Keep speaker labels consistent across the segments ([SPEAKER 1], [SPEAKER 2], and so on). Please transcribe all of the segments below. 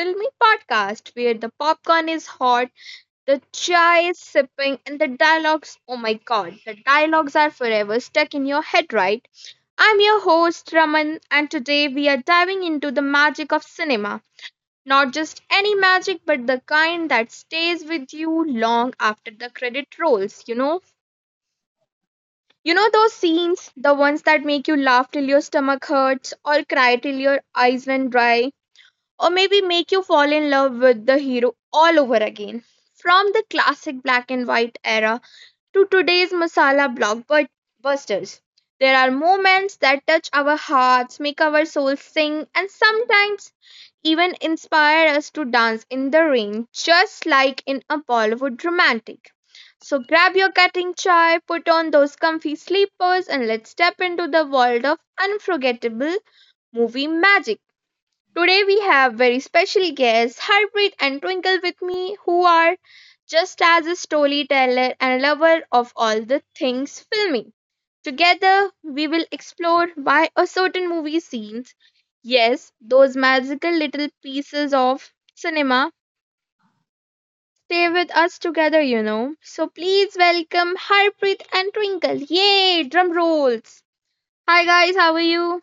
[SPEAKER 1] filmy podcast where the popcorn is hot, the chai is sipping, and the dialogues oh my god, the dialogues are forever stuck in your head, right? I'm your host, Raman, and today we are diving into the magic of cinema. Not just any magic, but the kind that stays with you long after the credit rolls, you know? You know those scenes, the ones that make you laugh till your stomach hurts or cry till your eyes run dry? Or maybe make you fall in love with the hero all over again. From the classic black and white era to today's masala blockbusters, there are moments that touch our hearts, make our souls sing, and sometimes even inspire us to dance in the rain, just like in a Bollywood romantic. So grab your cutting chai, put on those comfy sleepers, and let's step into the world of unforgettable movie magic. Today we have very special guests Harpreet and Twinkle with me who are just as a storyteller and a lover of all the things filming. Together we will explore why a certain movie scenes, yes, those magical little pieces of cinema stay with us together. So please welcome Harpreet and Twinkle. Yay, drum rolls. Hi guys, how are you?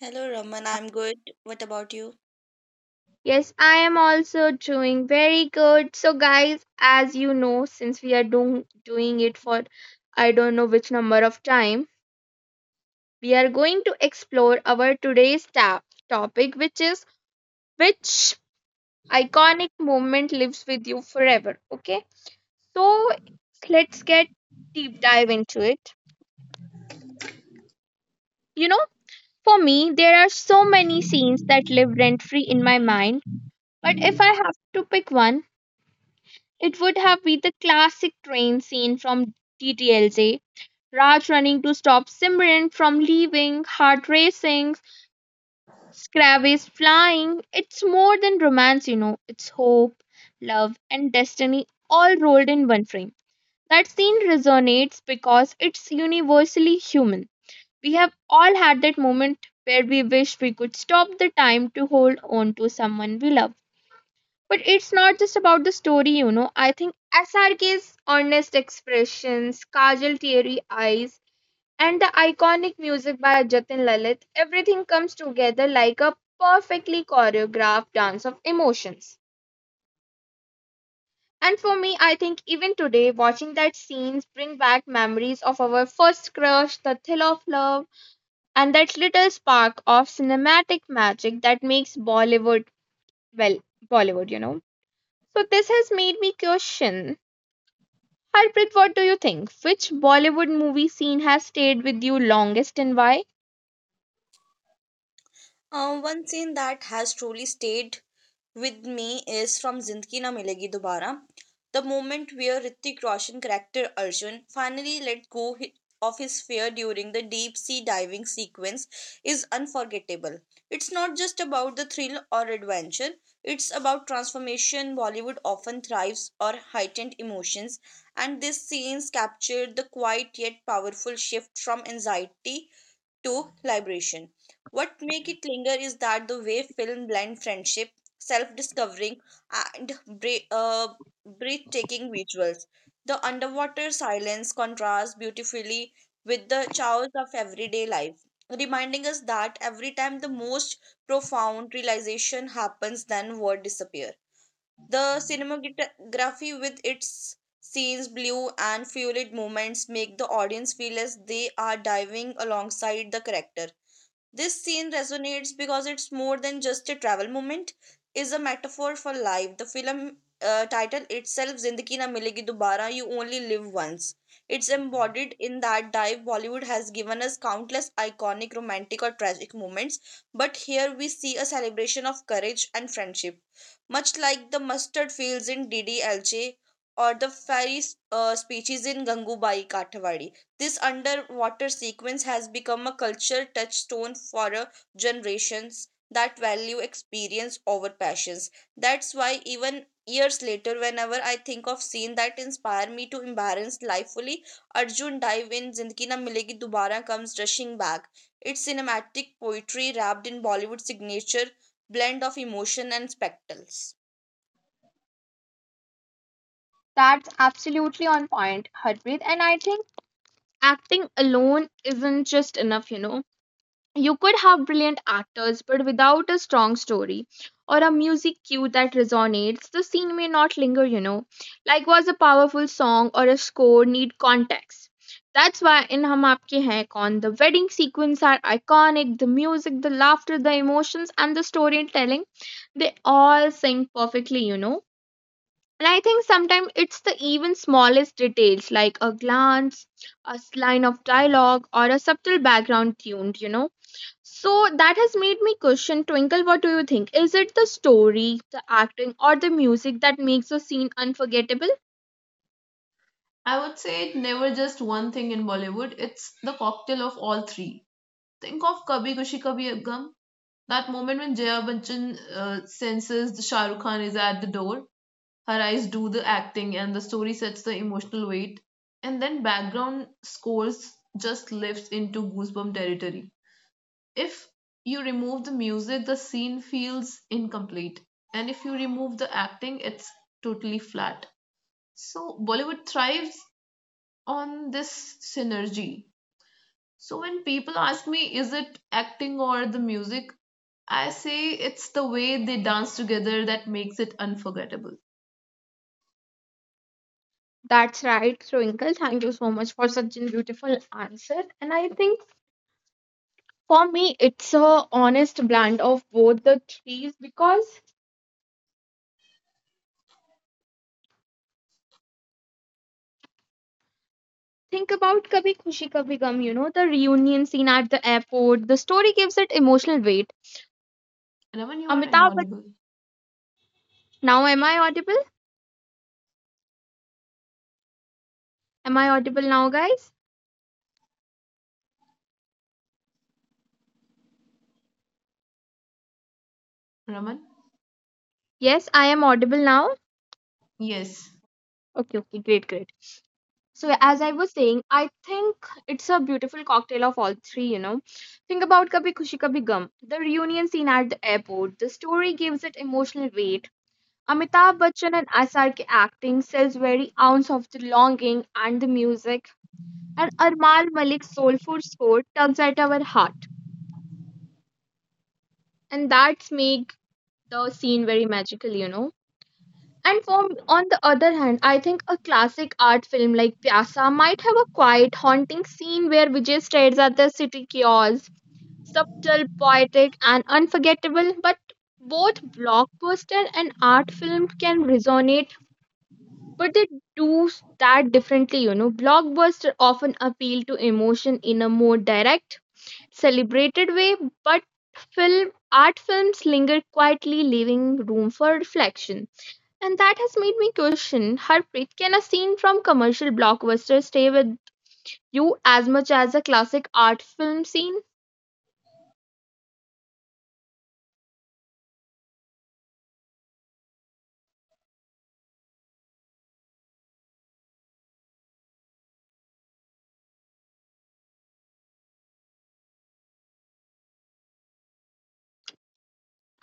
[SPEAKER 2] Hello Raman, I'm good. What about you?
[SPEAKER 1] Yes, I am also doing very good. So, guys, as you know, since we are doing it for I don't know which number of time, we are going to explore our today's topic, which iconic moment lives with you forever. Okay, so let's get deep dive into it. You know, for me, there are so many scenes that live rent free in my mind, but if I have to pick one, it would have been the classic train scene from DTLJ. Raj running to stop Simran from leaving, heart racing, Scrab flying. It's more than romance. It's hope, love, and destiny all rolled in one frame. That scene resonates because it's universally human. We have all had that moment where we wish we could stop the time to hold on to someone we love. But it's not just about the story. I think SRK's honest expressions, Kajal teary eyes, and the iconic music by Jatin Lalit, everything comes together like a perfectly choreographed dance of emotions. And for me, I think even today, watching that scenes bring back memories of our first crush, the thrill of love, and that little spark of cinematic magic that makes Bollywood, well, Bollywood. So this has made me question Harpreet, what do you think? Which Bollywood movie scene has stayed with you longest and why?
[SPEAKER 2] One scene that has truly stayed with me is from Zindagi Na Milegi Dobara. The moment where Ritik Roshan character Arjun finally let go of his fear during the deep sea diving sequence is unforgettable. It's not just about the thrill or adventure, it's about transformation. Bollywood often thrives on heightened emotions, and these scenes captured the quiet yet powerful shift from anxiety to liberation. What make it linger is that the way film blend friendship, self-discovering, and breathtaking visuals. The underwater silence contrasts beautifully with the chaos of everyday life, reminding us that every time the most profound realization happens, then word disappears. The cinematography, with its scenes, blue and fluid movements, make the audience feel as they are diving alongside the character. This scene resonates because it's more than just a travel moment, is a metaphor for life. The film title itself, Zindagi Na Milegi Dobara, You Only Live Once. It's embodied in that dive. Bollywood has given us countless iconic romantic or tragic moments, but here we see a celebration of courage and friendship. Much like the mustard fields in DDLJ or the fairy speeches in Gangubai Kathiawadi. This underwater sequence has become a cultural touchstone for generations that value experience over passions. That's why even years later, whenever I think of scene that inspire me to embrace life fully, Arjun dive in Zindagi Na Milegi Dubara comes rushing back. It's cinematic poetry wrapped in Bollywood's signature blend of emotion and spectacles.
[SPEAKER 1] That's absolutely on point, Harpreet. And I think acting alone isn't just enough, you know. You could have brilliant actors, but without a strong story or a music cue that resonates, the scene may not linger. Like, was a powerful song or a score need context. That's why in Hum Aapke Hain Kaun, the wedding sequence are iconic, the music, the laughter, the emotions, and the storytelling, they all sync perfectly. And I think sometimes it's the even smallest details like a glance, a line of dialogue, or a subtle background tune. So that has made me question Twinkle, what do you think? Is it the story, the acting, or the music that makes a scene unforgettable?
[SPEAKER 3] I would say it never just one thing in Bollywood. It's the cocktail of all three. Think of Kabhi Kushi Kabhi Gum. That moment when Jaya Bachchan senses the Shah Rukh Khan is at the door, her eyes do the acting, and the story sets the emotional weight. And then background scores just lifts into goosebump territory. If you remove the music, the scene feels incomplete, and if you remove the acting, it's totally flat. So Bollywood thrives on this synergy. So when people ask me, is it acting or the music? I say it's the way they dance together that makes it unforgettable.
[SPEAKER 1] That's right, Twinkle. Thank you so much for such a beautiful answer. And I think for me, it's a honest blend of both the trees because think about Kabhi Khushi Kabhi Gum, the reunion scene at the airport. The story gives it emotional weight.
[SPEAKER 3] Raman, you are
[SPEAKER 1] Amitabh, Bach-
[SPEAKER 3] inaudible.
[SPEAKER 1] Now am I audible? Am I audible now, guys?
[SPEAKER 3] Raman?
[SPEAKER 1] Yes, I am audible now.
[SPEAKER 3] Yes.
[SPEAKER 1] Okay, okay, great, great. So, as I was saying, I think it's a beautiful cocktail of all three. Think about Kabhi Khushi Kabhi Gum, the reunion scene at the airport. The story gives it emotional weight. Amitabh Bachchan and SRK acting sells very ounce of the longing and the music. And Armal Malik's soulful score tugs at our heart. And that's make the scene very magical. And for, on the other hand, I think a classic art film like Pyasa might have a quiet, haunting scene where Vijay stares at the city kiosk, subtle, poetic, and unforgettable. But both blockbuster and art film can resonate, but they do that differently. You know, blockbuster often appeal to emotion in a more direct, celebrated way, but film art films linger quietly, leaving room for reflection. And that has made me question Harpreet, can a scene from commercial blockbusters stay with you as much as a classic art film scene?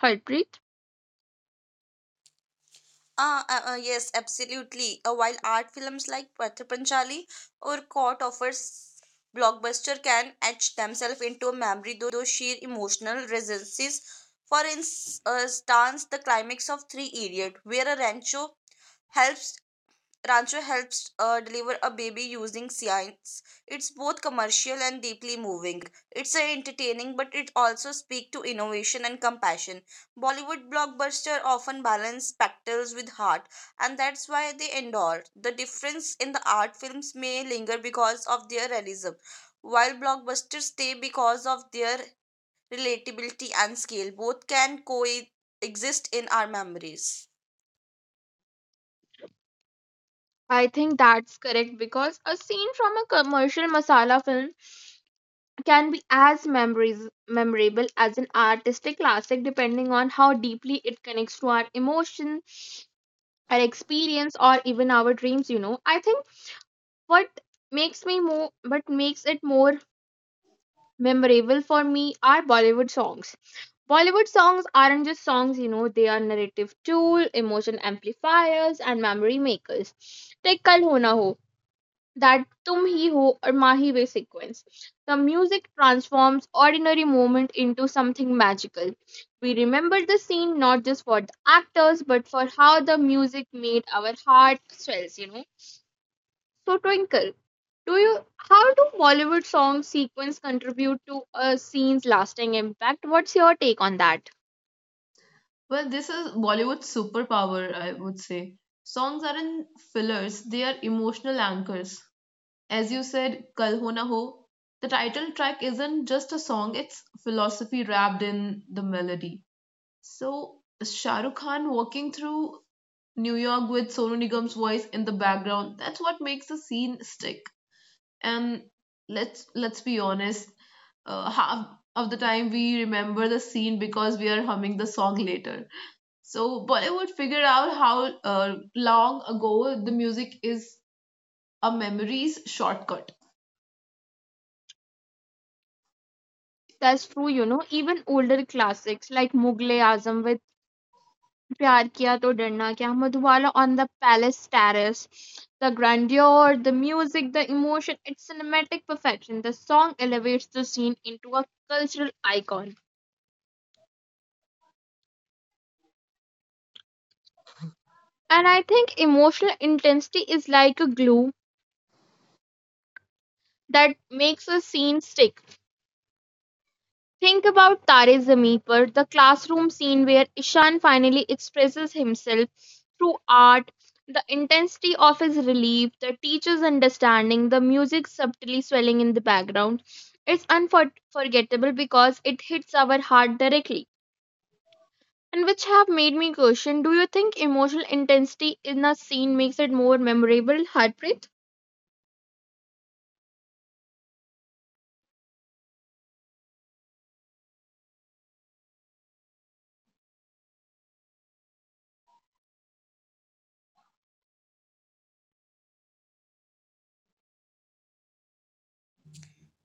[SPEAKER 1] Harpreet?
[SPEAKER 2] Yes, absolutely. While art films like Pather Panchali or Caught offers blockbuster can etch themselves into memory through sheer emotional resonances. For instance, stands the climax of Three Idiot, where a rancho helps Rancho helps deliver a baby using science. It's both commercial and deeply moving. It's entertaining, but it also speaks to innovation and compassion. Bollywood blockbusters often balance spectacles with heart, and that's why they endure. The difference in the art films may linger because of their realism, while blockbusters stay because of their relatability and scale. Both can coexist in our memories.
[SPEAKER 1] I think that's correct because a scene from a commercial masala film can be as memorable as an artistic classic depending on how deeply it connects to our emotion, our experience, or even our dreams. You know, I think what what makes it more memorable for me are Bollywood songs. Bollywood songs aren't just songs, they are narrative tool, emotion amplifiers, and memory makers. Take Kal Ho Na Ho, that Tum Hi Ho or Mahi Ve sequence. The music transforms ordinary moment into something magical. We remember the scene not just for the actors, but for how the music made our heart swells. So Twinkle, do you how do Bollywood song sequence contribute to a scene's lasting impact? What's your take on that?
[SPEAKER 3] Well, this is Bollywood's superpower, I would say. Songs aren't fillers, they are emotional anchors. As you said, Kal Ho Na Ho, the title track isn't just a song, it's philosophy wrapped in the melody. So, Shah Rukh Khan walking through New York with Sonu Nigam's voice in the background. That's what makes the scene stick. And let's be honest, half of the time we remember the scene because we are humming the song later. So Bollywood figured out how long ago the music is a memory's shortcut.
[SPEAKER 1] That's true. Even older classics like Mughal-e Azam with Pyar Kiya To Darna Kya, Madhubala on the Palace Terrace, the grandeur, the music, the emotion, its cinematic perfection. The song elevates the scene into a cultural icon. And I think emotional intensity is like a glue that makes a scene stick. Think about Tare Zameen Par, the classroom scene where Ishan finally expresses himself through art, the intensity of his relief, the teacher's understanding, the music subtly swelling in the background. It's unforgettable because it hits our heart directly. And which have made me question do you think emotional intensity in a scene makes it more memorable, Harpreet?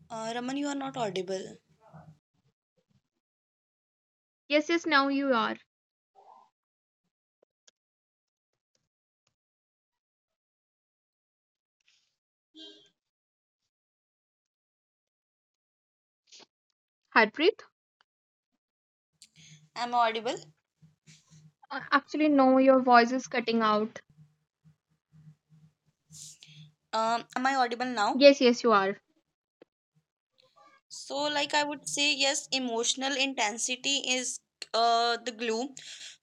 [SPEAKER 2] Raman, you are not audible.
[SPEAKER 1] Yes, yes, now you are. Harpreet?
[SPEAKER 2] Am I audible?
[SPEAKER 1] Actually, no, your voice is cutting out.
[SPEAKER 2] Am I audible now?
[SPEAKER 1] Yes, yes, you are.
[SPEAKER 2] So, like I would say, yes, emotional intensity is the glue.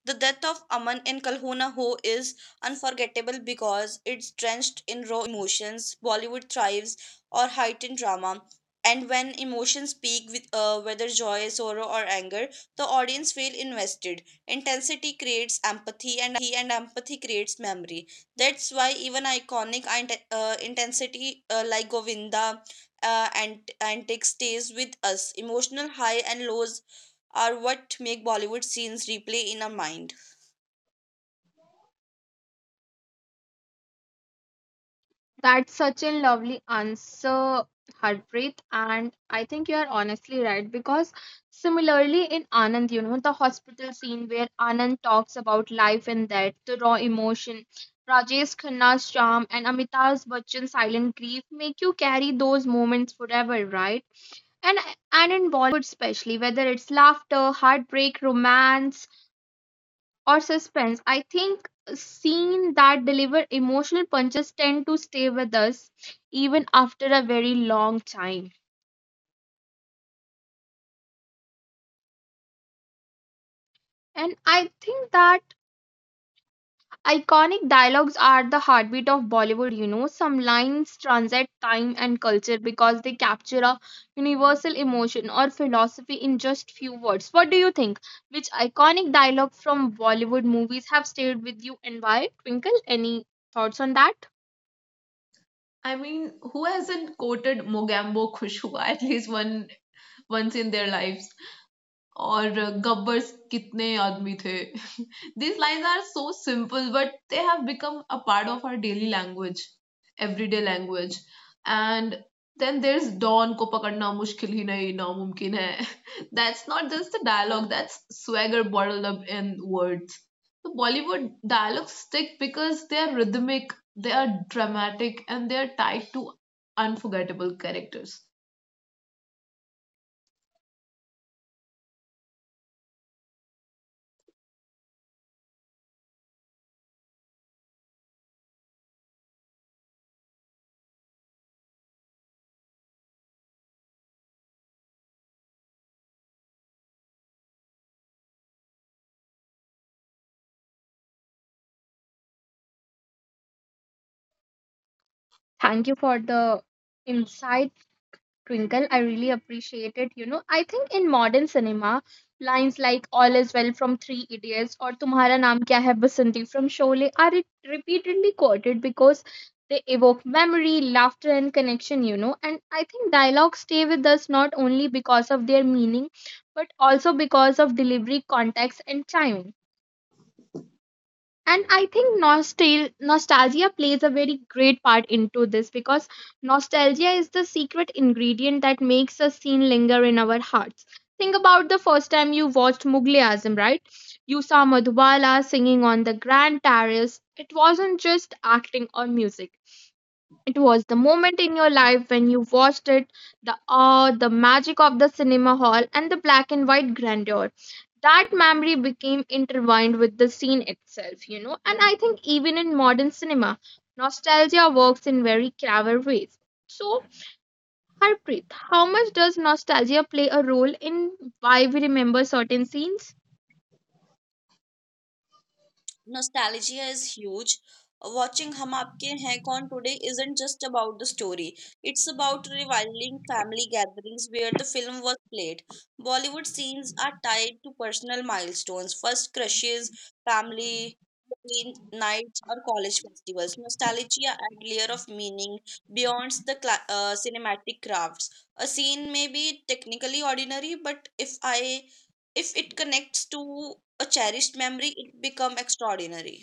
[SPEAKER 2] The death of Aman in Kalhona Ho is unforgettable because it's drenched in raw emotions. Bollywood thrives or heightened drama. And when emotions peak with whether joy, sorrow, or anger, the audience feel invested. Intensity creates empathy, and empathy creates memory. That's why even iconic intensity like Govinda and antics stays with us. Emotional high and lows are what make Bollywood scenes replay in our mind.
[SPEAKER 1] That's such a lovely answer, Harpreet. And I think you are honestly right because similarly in Anand, the hospital scene where Anand talks about life and death, the raw emotion, Rajesh Khanna's charm and Amitabh Bachchan's silent grief make you carry those moments forever, right? And and in Bollywood especially, whether it's laughter, heartbreak, romance, or suspense. I think scenes that deliver emotional punches tend to stay with us even after a very long time. And I think that iconic dialogues are the heartbeat of Bollywood. Some lines transcend time and culture because they capture a universal emotion or philosophy in just few words. What do you think? Which iconic dialogue from Bollywood movies have stayed with you and why? Twinkle, any thoughts on that?
[SPEAKER 3] I mean, who hasn't quoted Mogambo Khush Hua at least one once in their lives? और गब्बर्स कितने आदमी थे? These lines are so simple, but they have become a part of our daily language, everyday language. And then there's dawn को पकड़ना मुश्किल ही नहीं ना मुमकिन है. That's not just the dialogue. That's swagger bottled up in words. So Bollywood dialogues stick because they are rhythmic, they are dramatic, and they are tied to unforgettable characters.
[SPEAKER 1] Thank you for the insight Twinkle, I really appreciate it. You know, I think in modern cinema, lines like All is Well from Three Idiots or Tumhara Naam Kya Hai Basanti from Sholay are repeatedly quoted because they evoke memory, laughter, and connection. And I think dialogues stay with us not only because of their meaning, but also because of delivery, context, and timing. And I think nostalgia plays a very great part into this because nostalgia is the secret ingredient that makes a scene linger in our hearts. Think about the first time you watched Mughal Azam, right? You saw Madhubala singing on the grand terrace. It wasn't just acting or music. It was the moment in your life when you watched it, the awe, the magic of the cinema hall, and the black and white grandeur. That memory became intertwined with the scene itself. And I think even in modern cinema, nostalgia works in very clever ways. So, Harpreet, how much does nostalgia play a role in why we remember certain scenes?
[SPEAKER 2] Nostalgia is huge. Watching Hum Aapke Hain Kaun today isn't just about the story, it's about reviling family gatherings where the film was played. Bollywood scenes are tied to personal milestones, first crushes, family teen nights, or college festivals. Nostalgia add layer of meaning beyond the cinematic crafts. A scene may be technically ordinary, but if it connects to a cherished memory, it become extraordinary.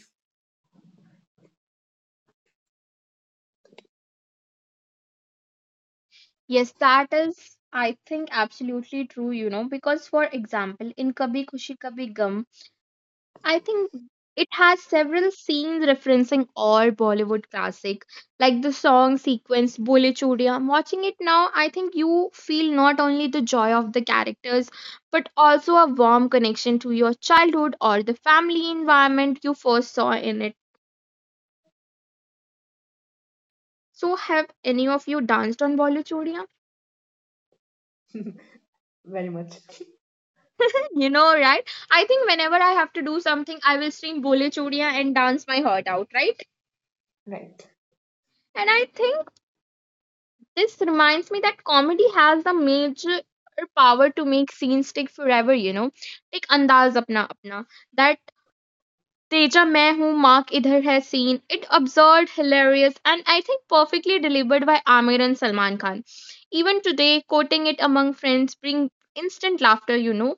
[SPEAKER 1] Yes, that is, I think, absolutely true, because for example, in Kabhi Khushi Kabhi Gum, I think it has several scenes referencing all Bollywood classic, like the song sequence Bole Chudiya. Watching it now, I think you feel not only the joy of the characters, but also a warm connection to your childhood or the family environment you first saw in it. So, have any of you danced on Bole Chudiya? You know, right? I think whenever I have to do something, I will stream Bole Chudiya and dance my heart out, right?
[SPEAKER 3] Right.
[SPEAKER 1] And I think this reminds me that comedy has the major power to make scenes stick forever. Take Andaz Apna Apna. That Teja Main Hoon Mark Idhar Hai scene. It absurd, hilarious, and I think perfectly delivered by Amir and Salman Khan. Even today, quoting it among friends bring instant laughter.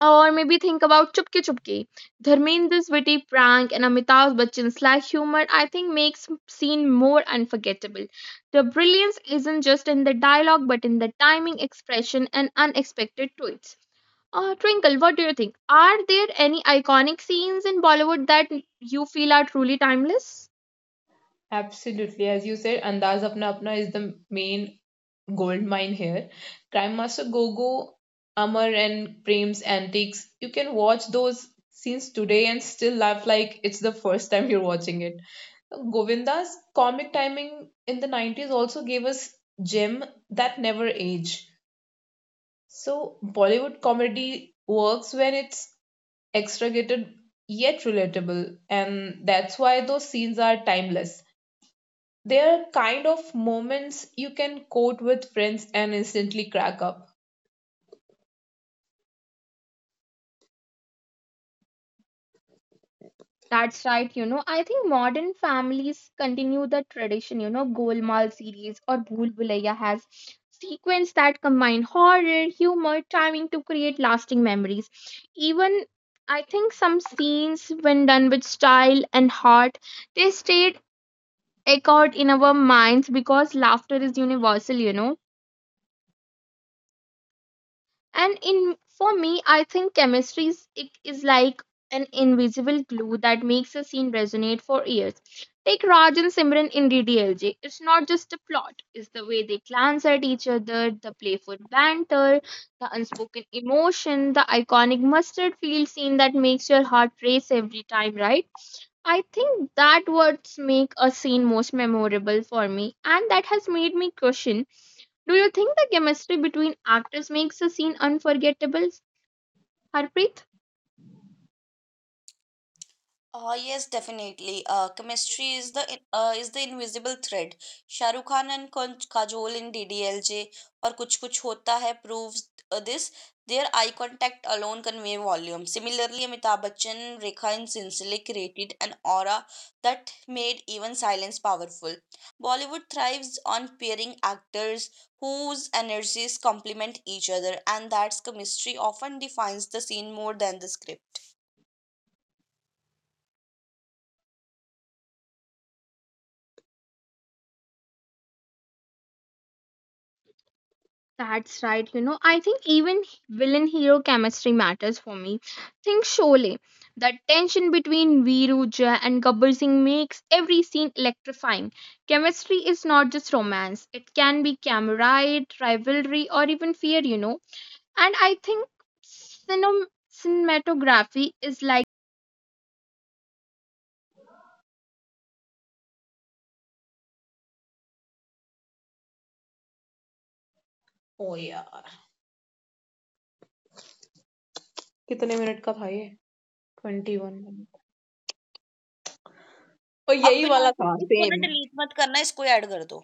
[SPEAKER 1] Or maybe think about Chupki Chupki. Dharmendra's witty prank and Amitabh Bachchan's sly humor, I think, makes scene more unforgettable. The brilliance isn't just in the dialogue, but in the timing, expression, and unexpected twists. Twinkle, what do you think? Are there any iconic scenes in Bollywood that you feel are truly timeless?
[SPEAKER 3] Absolutely, as you said, Andaz Apna Apna is the main gold mine here. Crime Master Gogo, Amar, and Prem's antics. You can watch those scenes today and still laugh like it's the first time you're watching it. Govinda's comic timing in the 90s also gave us gem that never age. So Bollywood comedy works when it's extricated yet relatable, and that's why those scenes are timeless. They're kind of moments you can quote with friends and instantly crack up.
[SPEAKER 1] That's right. I think modern families continue the tradition, Golmaal series or Bhool Bhulaiya has sequence that combine horror, humor, timing to create lasting memories. Even I think some scenes, when done with style and heart, they stayed echoed in our minds because laughter is universal. And in for me, I think chemistry is like an invisible glue that makes a scene resonate for years. Take Raj and Simran in DDLJ. It's not just the plot, it's the way they glance at each other, the playful banter, the unspoken emotion, the iconic mustard field scene that makes your heart race every time, right? I think that words make a scene most memorable for me, and that has made me question. Do you think the chemistry between actors makes a scene unforgettable, Harpreet?
[SPEAKER 2] Yes, definitely. Chemistry is the is the invisible thread. Shah Rukh Khan and Kajol in DDLJ or Kuch Kuch Hota Hai proves this. Their eye contact alone convey volume. Similarly, Amitabh Bachchan and Rekha in Sincerely created an aura that made even silence powerful. Bollywood thrives on pairing actors whose energies complement each other, and that's chemistry often defines the scene more than the script.
[SPEAKER 1] That's right. I think even villain hero chemistry matters for me. Think Sholay. The tension between Veeru, Jay, and Gabbar Singh makes every scene electrifying. Chemistry is not just romance, it can be camaraderie, rivalry, or even fear. And I think cinematography is like
[SPEAKER 3] ओ यार कितने minute का था ये twenty one minute और
[SPEAKER 2] अब
[SPEAKER 3] यही
[SPEAKER 2] बिना
[SPEAKER 3] वाला था
[SPEAKER 2] इसको ना
[SPEAKER 3] सेम
[SPEAKER 2] डिलीट मत करना इसको ऐड कर दो